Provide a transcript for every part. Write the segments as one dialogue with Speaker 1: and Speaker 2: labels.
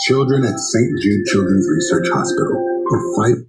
Speaker 1: Children at St. Jude Children's Research Hospital are fighting.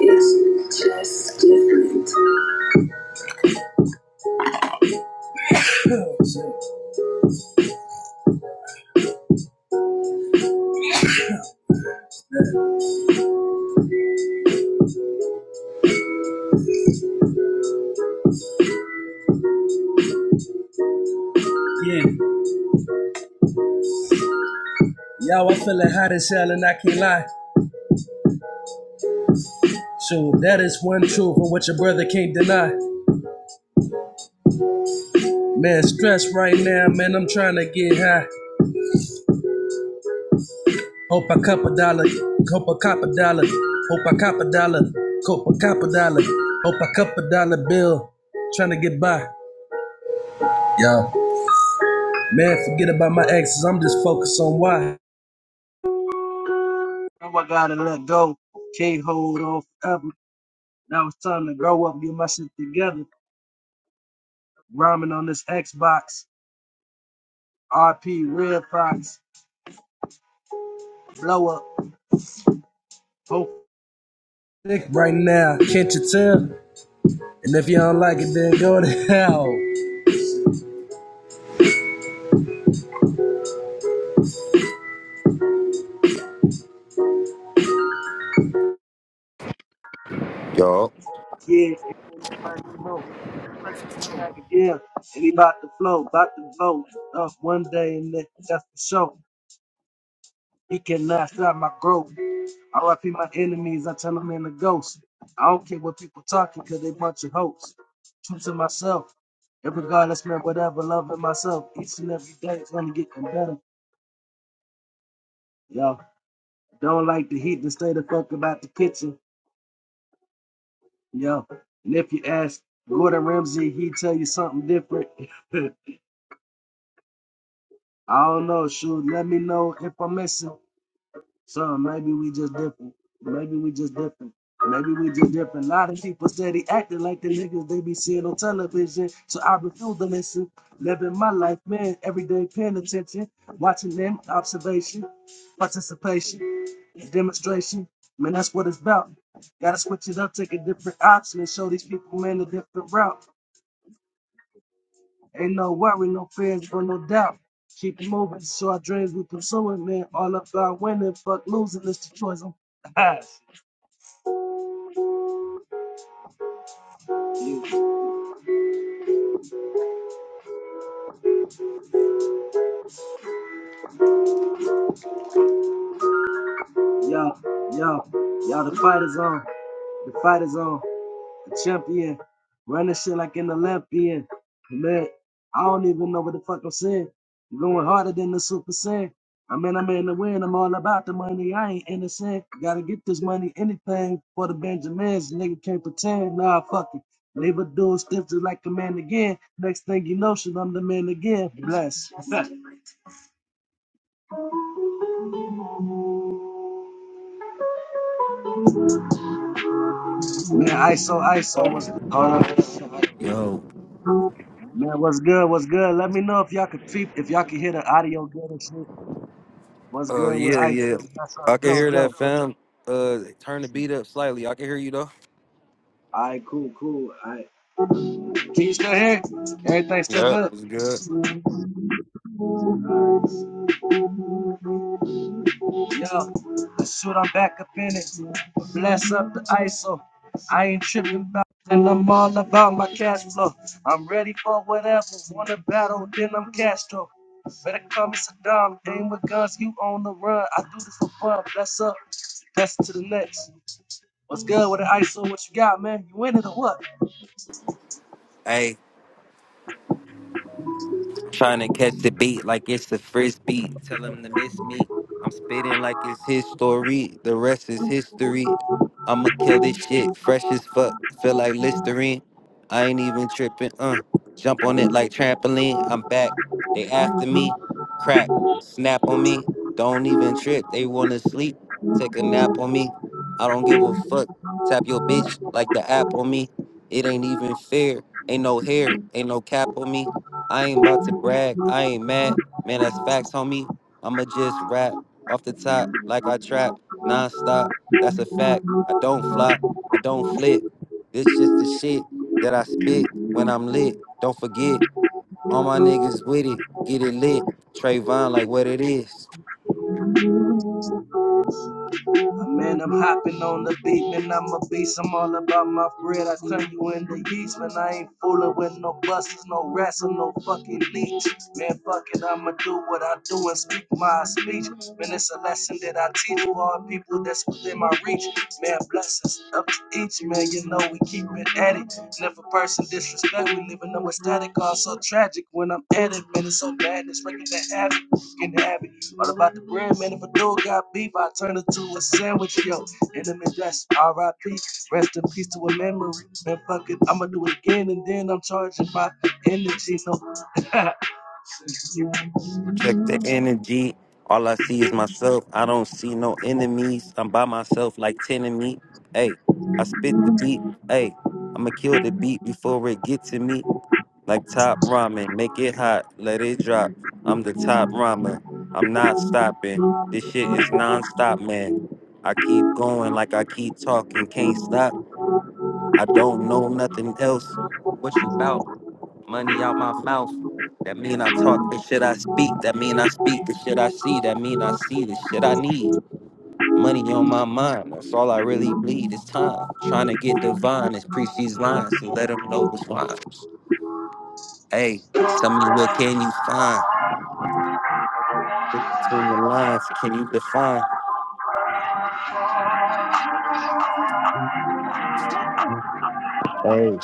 Speaker 1: It's just different. Yeah, y'all, I feel it hot as hell, and I can't lie. So that is one truth of what your brother can't deny. Man, stress right now, man. I'm trying to get high. Hope I cop a dollar. Hope I cop a dollar. Hope I cop a dollar. Hope I cop a dollar. Hope I cop a dollar bill. Trying to get by. Yo, man, forget about my exes. I'm just focused on why. Oh, I gotta let go. Can't hold on forever. Now it's time to grow up, get my shit together. Rhyming on this Xbox. RP Red Fox. Blow up. Oh. thick Right now, can't you tell? And if you don't like it, then go to hell.
Speaker 2: Yo.
Speaker 1: Yeah, yeah, and he about to flow, about to vote. Up one day, and that's for sure. He cannot stop my growth. RIP my enemies, I turn them into ghosts. I don't care what people talking, cause they bunch of hoes. True to myself. And regardless, man, whatever, loving myself. Each and every day it's gonna get better. Yo, don't like the heat, then stay the fuck about the kitchen. Yo, and if you ask Gordon Ramsay, he tell you something different. I don't know, shoot, let me know if I'm missing. So maybe we just different. Maybe we just different. Maybe we just different. A lot of people said he acted like the niggas they be seeing on television. So I refuse to listen. Living my life, man, every day paying attention, watching them, observation, participation, demonstration. Man, that's what it's about. Gotta switch it up, take a different option, and show these people, man, a different route. Ain't no worry, no fears, but no doubt. Keep it moving, so our dreams we pursuing, man. All about winning, fuck losing, it's the choice. I'm Yo, yo, yo, the fight is on. The fight is on. The champion. Running shit like an Olympian. Man, I don't even know what the fuck I'm saying. I'm Going harder than the Super Saiyan. I mean, I'm in the win. I'm all about the money. I ain't innocent. Gotta get this money, anything for the Benjamins. Nigga can't pretend. Nah, fuck it. Leave a dude stiff just like a man again. Next thing you know, shit, I'm the man again. Bless. Man, ISO, ISO was. Hold up.
Speaker 2: Yo.
Speaker 1: Man, what's good? What's good? Let me know if y'all could peep, if y'all can hear the audio good and shit. What's
Speaker 2: Uh
Speaker 1: good?
Speaker 2: yeah, yeah.
Speaker 1: What's up?
Speaker 2: I can
Speaker 1: Good.
Speaker 2: hear that fam. Uh turn the beat up slightly. I can hear you though.
Speaker 1: All right, cool, cool. All right. Can you still hear? Everything still
Speaker 2: Yep.
Speaker 1: good?
Speaker 2: It's good.
Speaker 1: Yo, I shoot, I'm back up in it. Blast up the ISO. I ain't tripping about it, and I'm all about my cash flow. I'm ready for whatever. Wanna battle, then I'm Castro. Better call me Saddam. Aim with guns, you on the run. I do this for fun. Bless up. Bless to the next. What's good with the ISO? What you got, man? You in it or what?
Speaker 2: Hey, Trying to catch the beat like it's the first beat. Tell him to miss me. I'm spitting like it's his story. The rest is history. I'ma kill this shit fresh as fuck. Feel like Listerine. I ain't even tripping. Uh, jump on it like trampoline. I'm back. They after me. Crack. Snap on me. Don't even trip. They wanna sleep. Take a nap on me. I don't give a fuck. Tap your bitch like the app on me. It ain't even fair. Ain't no hair. Ain't no cap on me. I ain't about to brag. I ain't mad. Man, that's facts, homie. I'ma just rap off the top like I trap non-stop. That's a fact. I don't flop. I don't flip. This just the shit that I spit when I'm lit. Don't forget, all my niggas with it. Get it lit. Trayvon, like what it is.
Speaker 1: Man, I'm hopping on the beat, man. I'm a beast. I'm all about my bread. I turn you into yeast, man. I ain't fooling with no buses, no rats, or no fucking leech. Man, fuck it, I'ma do what I do and speak my speech. Man, it's a lesson that I teach to all people that's within my reach. Man, blessings up to each, man. You know we keep it at it. And if a person disrespect, we live in no static. All so tragic when I'm at it, man. It's so bad, it's the habit. Get the habit. All about the bread, man. If a dude got beef, I turn it to a sandwich, yo. Enemy that's R.I.P. Rest in peace to a memory. Man, fuck it, I'ma do it again, and then I'm charging my energy. No, sir.
Speaker 2: Check the energy. All I see is myself. I don't see no enemies. I'm by myself like 10 of me. Hey, I spit the beat. Hey, I'ma kill the beat before it get to me. Like top ramen, make it hot, let it drop. I'm the top ramen. I'm not stopping. This shit is non-stop, man. I keep going like I keep talking, can't stop. I don't know nothing else. What you bout? Money out my mouth. That mean I talk the shit I speak. That mean I speak the shit I see. That mean I see the shit I need. Money on my mind. That's all I really bleed. It's time. Trying to get divine. It's preach these lines to let them know what's mine. Hey, tell me what can you find? Look between the lines, can you define? Hey,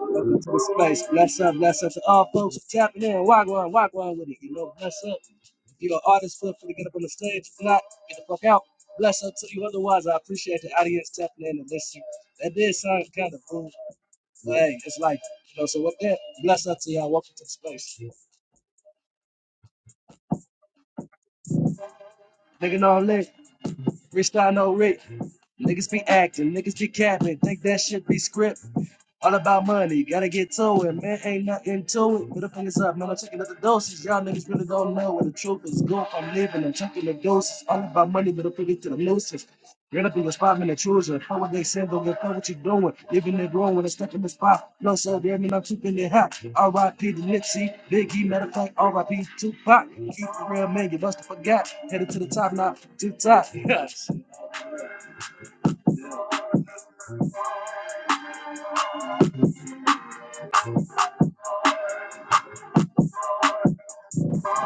Speaker 1: Welcome to the space. Bless up, bless up to all folks for tapping in. Walk on, walk on with it. You know, bless up. If you're an artist, feel free to get up on the stage. If not, get the fuck out. Bless up to you. Otherwise, I appreciate the audience tapping in and listening. That did sound kind of rude. Hey, it's like, you know, so with that? Bless up to y'all. Welcome to the space. Nigga, no lick. Freestyle, no Rick. Niggas be acting. Niggas be capping. Think that shit be script. All about money, gotta get to it, man. Ain't nothing to it. Put the fingers up, man. I'm checking out the doses. Y'all niggas really don't know where the truth is. Go, I'm leaving, I'm checking the doses. All about money, but I'm fingers to the nooses. Get up in your spot, man, the children. How would they say, don't get caught what you doing? Living and growing, when I step in the spot. No, sir, damn it, I'm keeping it hot. R.I.P. to Nipsey, Biggie, matter of fact, R.I.P. Tupac. Keep the real man, you must have forgot. Headed to the top, now, too top. Yes.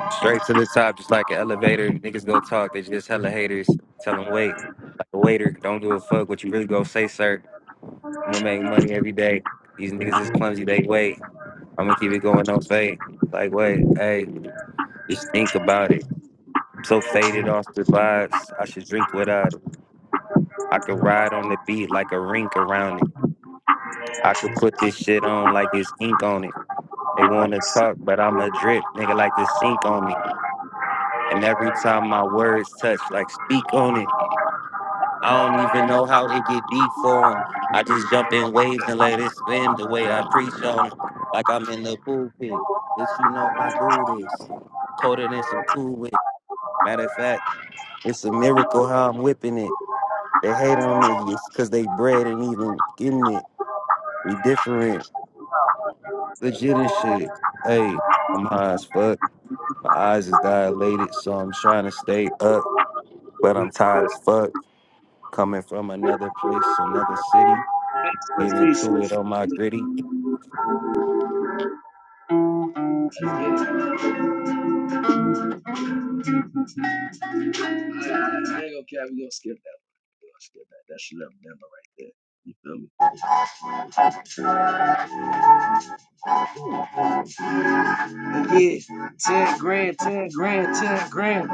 Speaker 2: straight to the top, just like an elevator. Niggas go talk, they just hella haters. Tell them wait, like a waiter. Don't give a fuck what you really go say, sir. I'm gonna make money every day. These niggas is clumsy, they wait. I'm gonna keep it going on fade. Like wait, hey, just think about it. I'm so faded off the vibes, I should drink without it. I could ride on the beat like a rink around it. I could put this shit on like it's ink on it. They want to talk, but I'm a drip. Nigga like to sink on me. And every time my words touch, like speak on it. I don't even know how it get deep for 'em. I just jump in waves and let it spin the way I preach on it, Like I'm in the pulpit. Bitch, you know I do this. Colder than some cool whip. Matter of fact, it's a miracle how I'm whipping it. They hate on niggas because they bread ain't even getting it. We different. Legit and shit. Hey, I'm high as fuck. My eyes is dilated, so I'm trying to stay up, but I'm tired as fuck. Coming from another place, another city, get
Speaker 1: Switch,
Speaker 2: into
Speaker 1: switch,
Speaker 2: it
Speaker 1: switch.
Speaker 2: on my gritty.
Speaker 1: switch. So I ain't gonna care. We gonna skip that. We gonna skip that. That should have right there. You feel me? But yes, ten grand, ten grand, ten grand.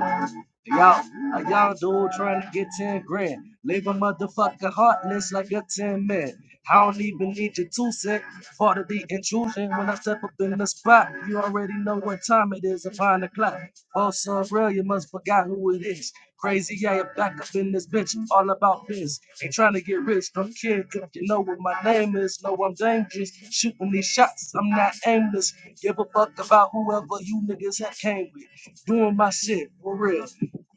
Speaker 1: Y'all, a young dude trying to get 10 grand. Leave a motherfucker heartless like a 10 man. I don't even need your two cent. Part of the intrusion when I step up in the spot. You already know what time it is, it's find o'clock. Oh, so real, you must forgot who it is. Crazy, yeah, you back up in this bitch, all about biz. Ain't trying to get rich, don't care, cause you know what my name is. Know I'm dangerous, shooting these shots, I'm not aimless. Give a fuck about whoever you niggas had came with doing my shit for real.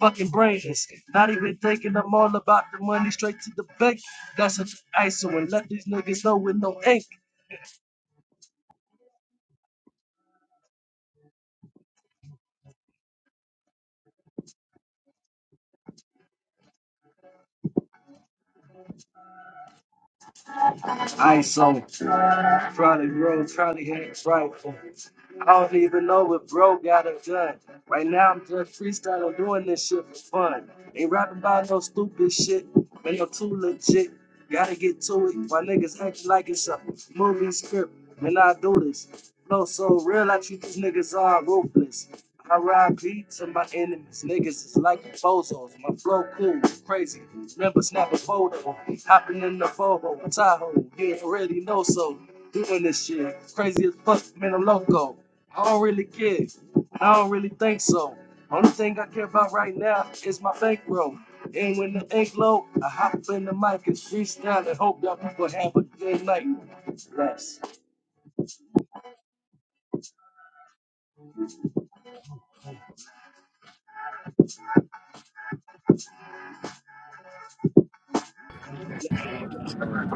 Speaker 1: Fucking brainless, not even thinking I'm all about the money straight to the bank. That's an ISO and let these niggas know with no ink. ISO, Charlie Bro, Charlie Hanks, right? I don't even know what Bro got it done. Right now, I'm just freestyling, doing this shit for fun. Ain't rapping about no stupid shit, but no too legit. Gotta get to it. My niggas acting like it's a movie script, and I do this. No, so real, I treat these niggas all ruthless. I ride beat to my enemies. Niggas is like bozos. My flow cool, crazy. Never snap a photo. Hopping in the Volvo, Tahoe. You already know so. Doing this shit. Crazy as fuck, man, I'm loco. I don't really care. I don't really think so. Only thing I care about right now is my bankroll. And when the ink low, I hop in the mic and freestyle and hope y'all people have a good night. Bless.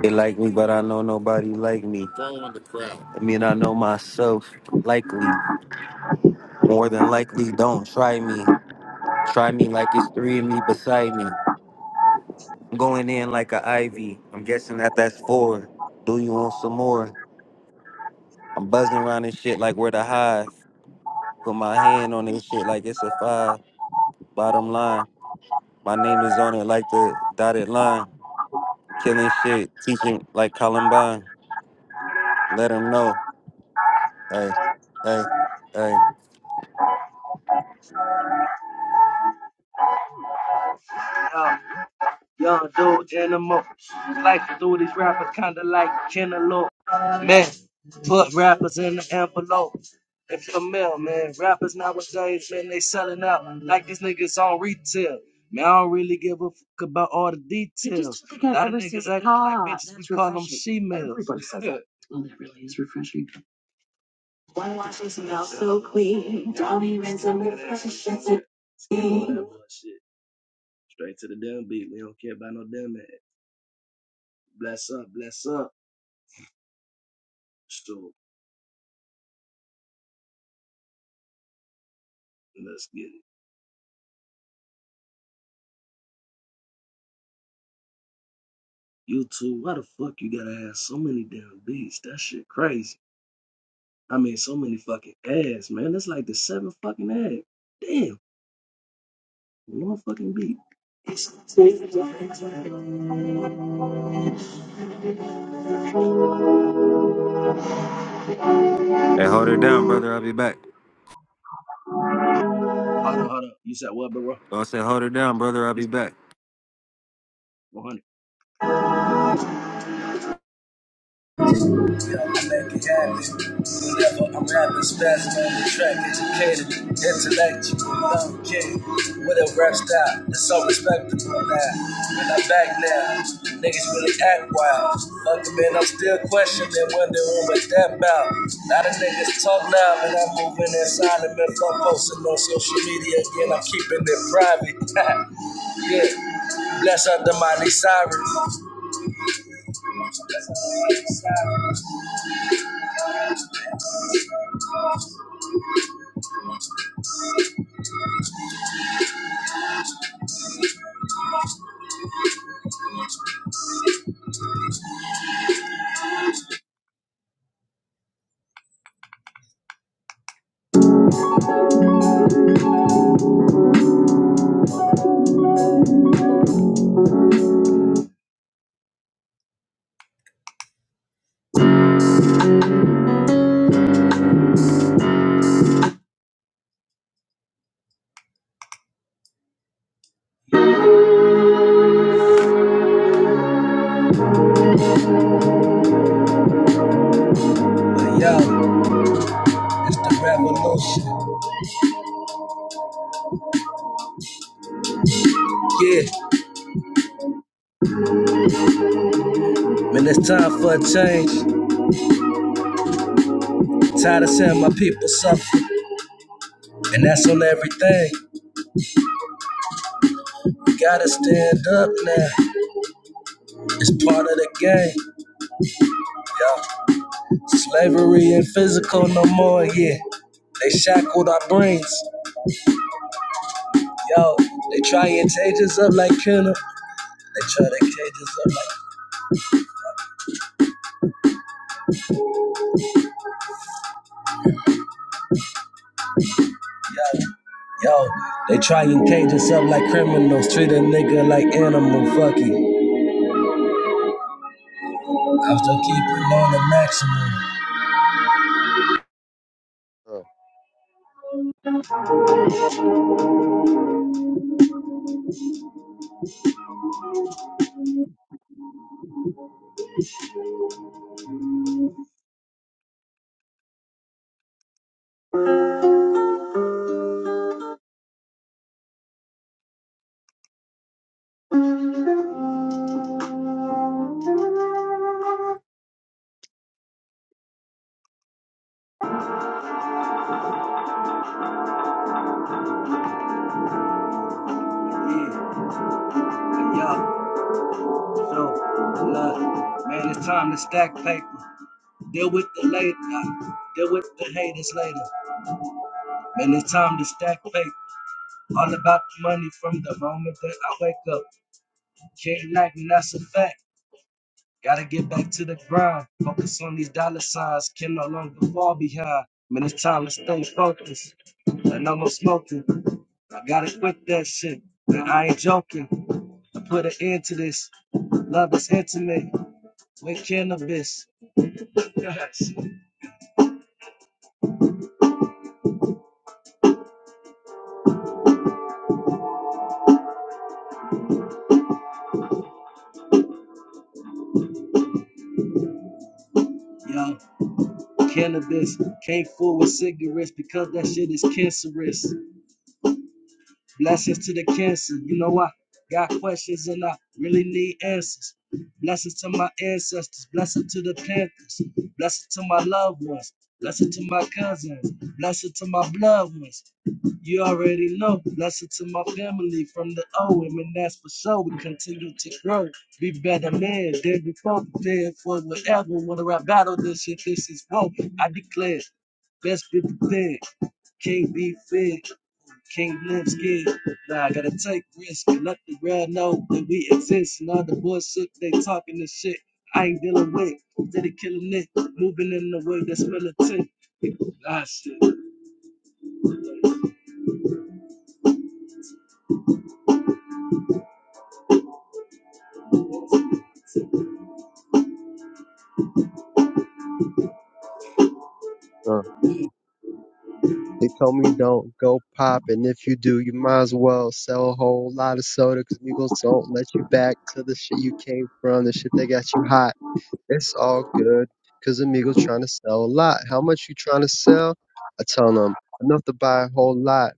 Speaker 2: They like me, but I know nobody like me. Following the crowd. I mean, I know myself, likely, more than likely. Don't try me. Try me like it's three of me beside me. I'm going in like a ivy. I'm guessing that that's four. Do you want some more? I'm buzzing around this shit like we're the hive. Put my hand on this shit like it's a five. Bottom line. My name is on it like the dotted line. Killing shit, teaching like Columbine. Let them know. Hey, hey, hey.
Speaker 1: Um, Young dude animal. Like to do these rappers kinda like Kennelope. Man, put rappers in the envelope. If you're male, man, rappers nowadays, man, they selling out like these niggas on retail. Man, I don't really give a fuck about all the details. A lot of niggas acting like bitches, we call them she-males. Everybody says That Really is refreshing. bullshit. Straight to the dumb beat. We don't care about no damn ass. Bless up, bless up. So let's get it. YouTube, Why the fuck you gotta have so many damn beats? That shit crazy. I mean, so many fucking ads, man. That's like the seventh fucking ad. Damn, one fucking beat.
Speaker 2: Hey, hold her down, brother. I'll be back.
Speaker 1: Hold up, hold up. You said what, bro?
Speaker 2: Oh, I said, hold her down, brother. I'll be back.
Speaker 1: 100. Never, I'm rapping spazzing on the track, educated, intellectual, young kid with a rap style. that's all respectable now. When I'm back now, niggas really act wild. Fuck it, man, I'm still questioning, wondering what that about. Lot of niggas talk loud, and I'm moving inside silent. Man, if I'm posting on social media again, I'm keeping it private. yeah, bless up the Miley Cyrus. Yo, it's the revolution. Yeah, man, it's time for a change. Tired of seeing my people suffer, and that's on everything. We gotta stand up now. It's part of the game, yo. Slavery and physical no more, yeah. They shackled our brains, yo. They try and cage us up like criminals. They try to cage us up like yo, yo. They try and cage us up like criminals. Treat a nigga like animal, fuck it. I'm still keeping on the maximum.
Speaker 3: Uh,
Speaker 1: Yeah, yo, so look, man, it's time to stack paper. Deal with the later. Deal with the haters later. Man, it's time to stack paper. All about the money from the moment that I wake up. Can't lack, and that's a fact. Gotta get back to the grind. Focus on these dollar signs. Can no longer fall behind. Man, it's time to stay focused. And no more smoking. I gotta quit that shit. Man, I ain't joking. I put an end to this. Love is intimate with cannabis. Yes. Cannabis can't fool with cigarettes because that shit is cancerous. Blessings to the cancer. You know I got questions and I really need answers. Blessings to my ancestors. Blessings to the Panthers. Blessings to my loved ones. Blessings to my cousins. Blessings to my blood ones. You already know. Blessings to my family from the OM, and that's for sure. We continue to grow, be better men than before, prepared for whatever. Whether I battle this shit, this is woe. I declare Best be thing Can't be feared. Can't live scared. Nah, I gotta take risks. Let the world know that we exist. And all the bullshit they talking this shit. I ain't dealing with. Steady killing it. Moving in the way that's militant. Ah, shit. Man,
Speaker 3: uh. They told me don't go pop, and if you do, you might as well sell a whole lot of soda 'cause Migos don't let you back to the shit you came from, the shit that got you hot. It's all good, 'cause Amigos trying to sell a lot. How much you trying to sell? I tell them enough to buy a whole lot.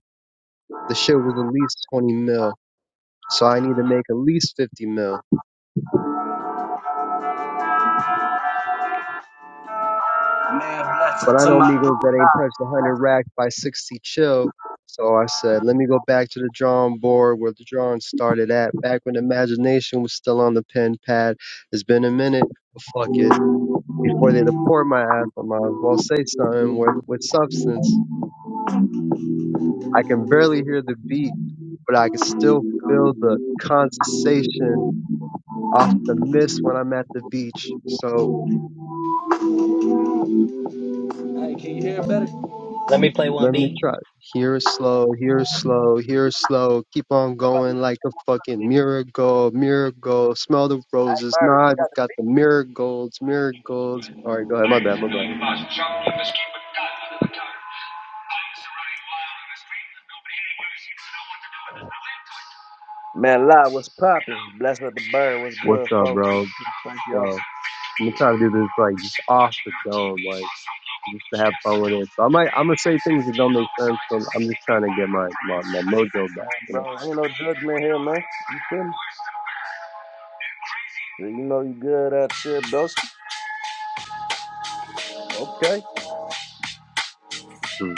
Speaker 3: The shit was at least 20 mil, so I need to make at least 50 mil.
Speaker 1: bless
Speaker 3: But
Speaker 1: it
Speaker 3: I
Speaker 1: to
Speaker 3: know
Speaker 1: my
Speaker 3: Migos
Speaker 1: dude.
Speaker 3: that ain't touched a 100 racks by 60 chill. So I said, let me go back to the drawing board where the drawing started at, back when imagination was still on the pen pad. It's been a minute, but fuck it. Before they deport my ass, I might as well say something with, with substance. I can barely hear the beat, but I can still feel the condensation off the mist when I'm at the beach. So
Speaker 1: Hey, can you hear better? You
Speaker 4: Let me play one
Speaker 3: Let me
Speaker 4: beat. Thanks
Speaker 3: try. Here is slow, here is slow, here is slow. Keep on going like a fucking miracle, miracle. Smell the roses. Nah, I just got the miracles, miracles. All right, go ahead. My bad,
Speaker 4: for
Speaker 3: my bad.
Speaker 4: doing fast travel. You must keep a gun under the tongue. Things are running wild on the street. Nobody anywhere seems to know what to do, and there's no end to it. We know the air is
Speaker 3: What's
Speaker 4: unfit
Speaker 3: up,
Speaker 4: to
Speaker 3: bro?
Speaker 4: breathe, our food
Speaker 3: Bro,
Speaker 4: is
Speaker 3: I'm
Speaker 4: unfit to
Speaker 3: gonna
Speaker 4: eat.
Speaker 3: try to do this like
Speaker 4: We
Speaker 3: just
Speaker 4: sit
Speaker 3: off
Speaker 4: watching
Speaker 3: the
Speaker 4: on TV
Speaker 3: dome, like
Speaker 4: while some local
Speaker 3: just
Speaker 4: news
Speaker 3: to have
Speaker 4: tells
Speaker 3: fun
Speaker 4: the
Speaker 3: with it. So I might,
Speaker 4: Today
Speaker 3: I'm gonna
Speaker 4: we
Speaker 3: say
Speaker 4: had
Speaker 3: things that don't
Speaker 4: 15
Speaker 3: make sense.
Speaker 4: homicides
Speaker 3: So
Speaker 4: and
Speaker 3: I'm just trying
Speaker 4: 63
Speaker 3: to get
Speaker 4: violent
Speaker 3: my my,
Speaker 4: crimes,
Speaker 3: my
Speaker 4: as if
Speaker 3: mojo
Speaker 4: that's the
Speaker 3: back,
Speaker 4: way it's
Speaker 3: you know.
Speaker 4: supposed to be. We know things are bad, worse than bad. They're crazy.
Speaker 3: Hmm.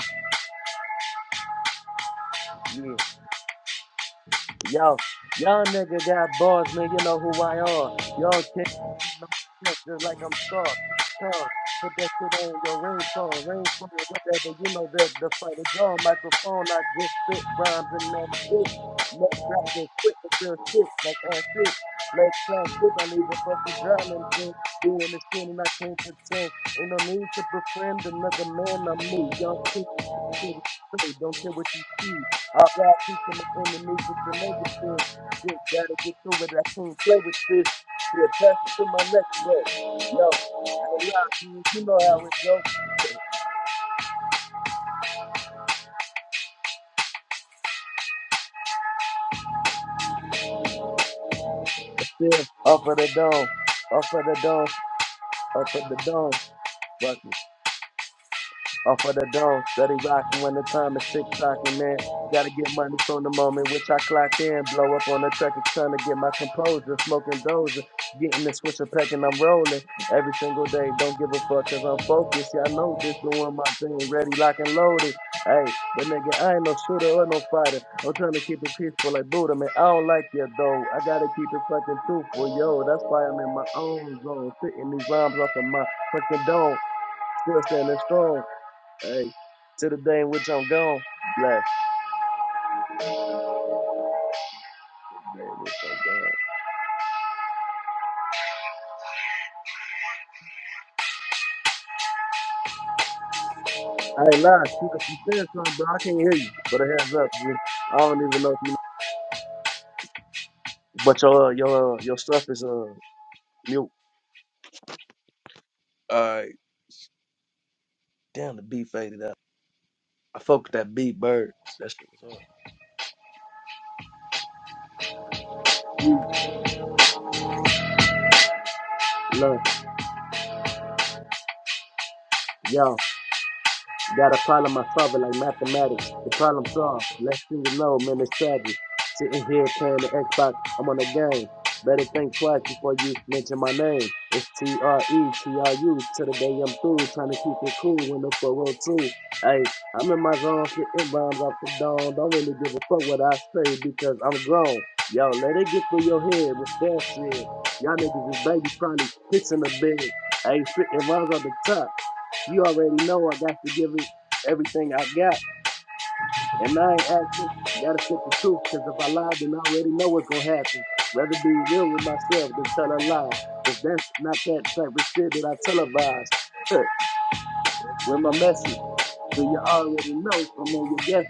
Speaker 1: already know. So, man, your guess.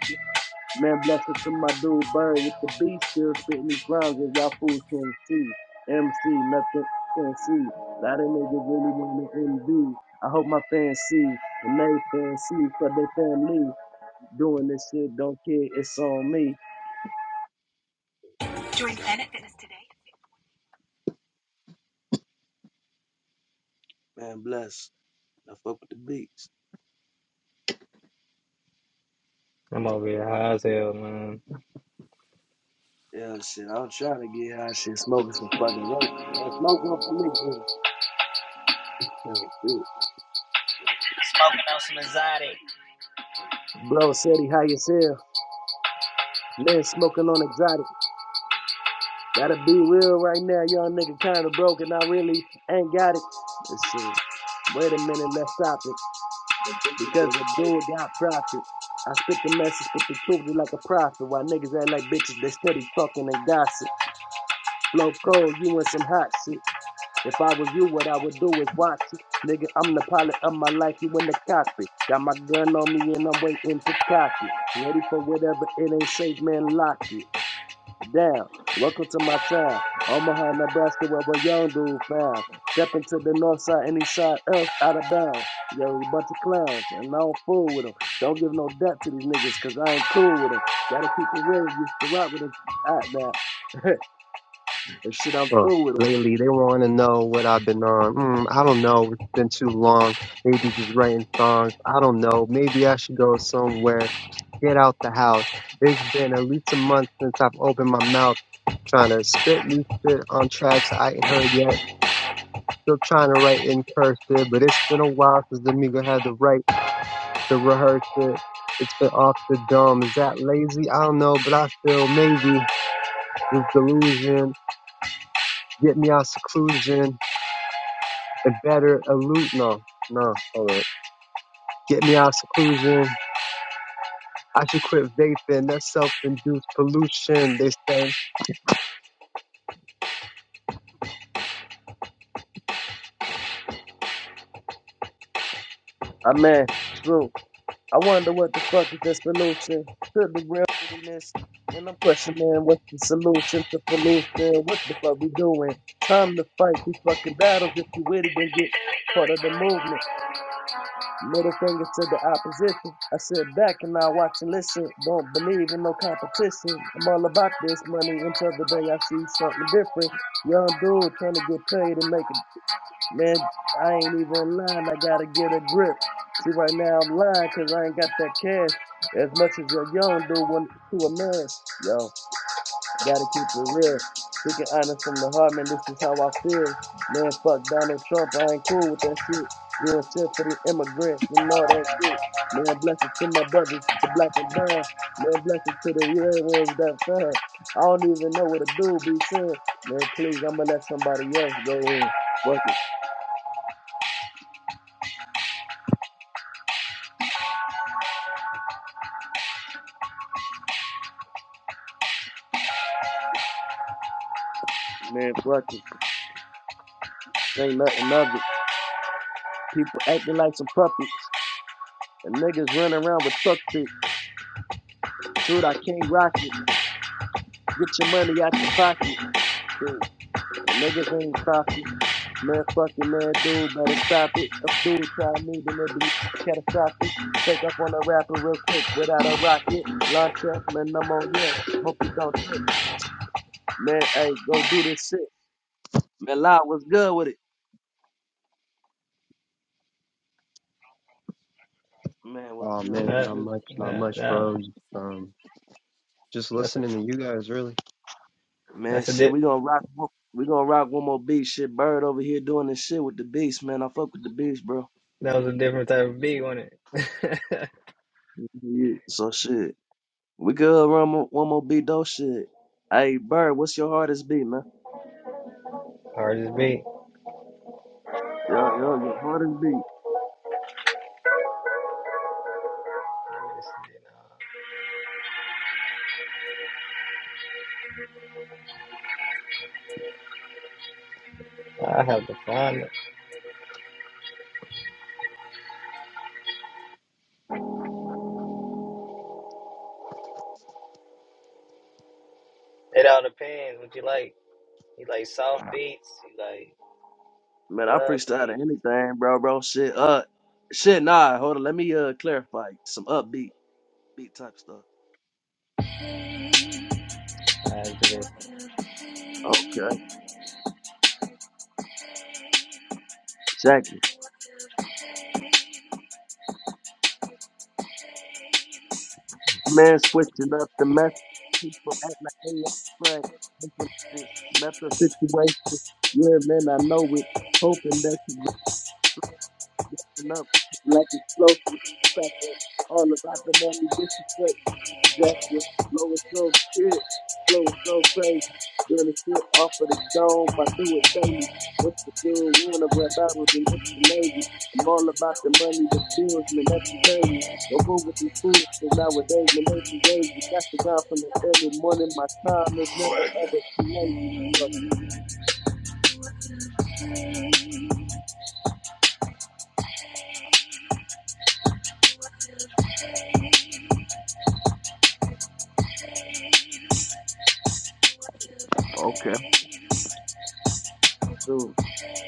Speaker 1: Man, bless it to my dude Bird with the beat, still spitting these rhymes that y'all fools can't see. MC, nothing fancy. A lot of niggas really want to MV. I hope my fans see, and they fancy for their family. Doing this shit, don't care, it's on me. Yeah, it's on. Man, bless. I fuck with the beats.
Speaker 4: I'm over here high as hell, man.
Speaker 1: Yeah, shit, I'm trying to get high shit.
Speaker 4: Smoking on some exotic.
Speaker 1: Ain't got it. It's true. Wait up.
Speaker 3: uh, lately. They want to know what I've been on. Mm, I don't know. It's been too long. Maybe just writing songs. I don't know. Maybe I should go somewhere. Get out the house. It's been at least a month since I've opened my mouth trying to spit new shit on tracks I ain't heard yet. Still trying to write in cursive, but it's been a while since the Amigo had the right to rehearse it. It's been off the dome. Is that lazy? I don't know, but I feel maybe this delusion get me out seclusion a better elude. No, no, hold up. Get me out of seclusion. I should quit vaping. That's self-induced pollution. They say.
Speaker 1: I man, it's true. I wonder what the fuck is the solution to the real dirtiness. And I'm questioning what's the solution to pollution? What the fuck we doing? Time to fight these fucking battles. If you with it, then get part of the movement. Man, man hey, go do this shit. Man, La was good with it. Man, was
Speaker 3: Oh
Speaker 1: good,
Speaker 3: man,
Speaker 1: was
Speaker 3: not
Speaker 4: That,
Speaker 1: good.
Speaker 3: much, not
Speaker 4: nah,
Speaker 3: much,
Speaker 4: that,
Speaker 3: bro. Just, Um, just
Speaker 4: that's a,
Speaker 3: listening to you guys, really.
Speaker 1: Man,
Speaker 4: that's a
Speaker 1: shit,
Speaker 4: di-
Speaker 1: we gonna rock. one- We gonna rock one more beat. Shit, Bird over here doing this shit with the beats, man. I fuck with the beats, bro.
Speaker 4: that was a different type of beat, wasn't it?
Speaker 1: Yeah, So shit, we could run mo- one more beat though. Shit, hey Bird, what's your hardest beat, man?
Speaker 4: Hardest beat.
Speaker 1: Yo, yo, your hardest beat.
Speaker 4: I have to find it. It all depends what you like. You like soft beats, you like
Speaker 1: Man, I
Speaker 4: club
Speaker 1: freestyle to
Speaker 4: beats.
Speaker 1: anything, bro, bro. Shit, uh, shit, nah, hold on. Let me, uh, clarify some upbeat, beat type stuff.
Speaker 4: I have to go.
Speaker 1: Okay. Jackie.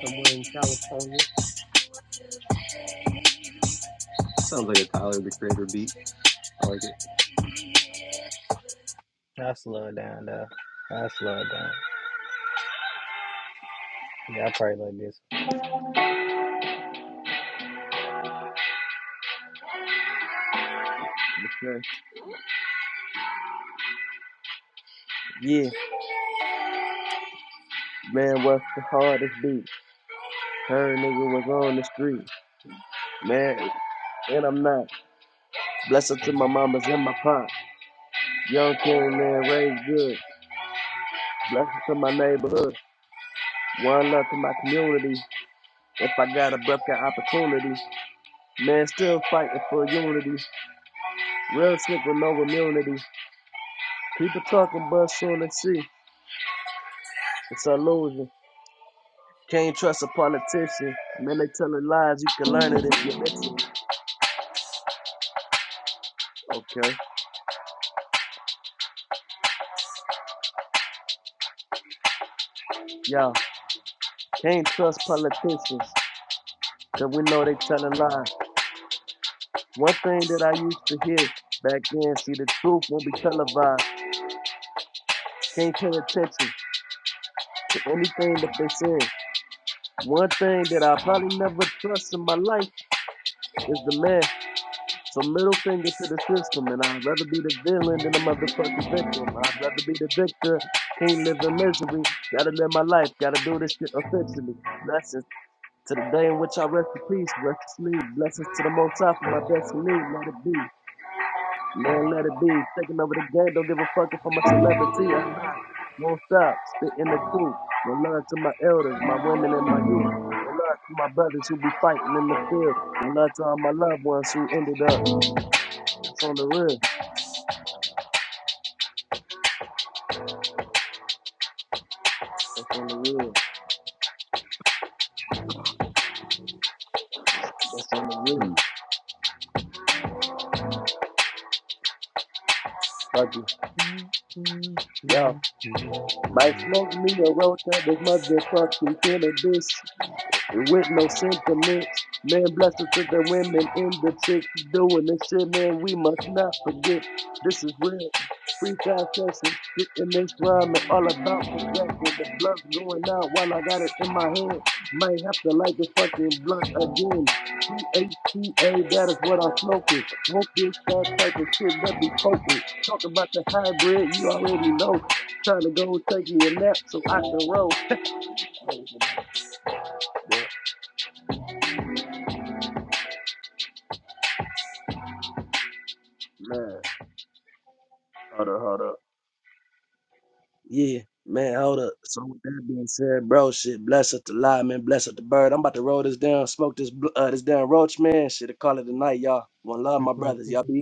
Speaker 3: Somewhere in California. Sounds like a Tyler the Creator beat. I like it.
Speaker 4: I slow it down though. I slow it down. Yeah, I probably like this.
Speaker 3: Hmm. two
Speaker 1: Hold up, hold up. Yeah, man, hold up. So, with that being said, bro, shit, bless up the lie, man, bless up the bird. I'm about to roll this down, smoke this, bl- uh, this damn roach, man. Shit, to call it a night, y'all. One love, my brothers. Y'all
Speaker 3: twenty-two.
Speaker 1: be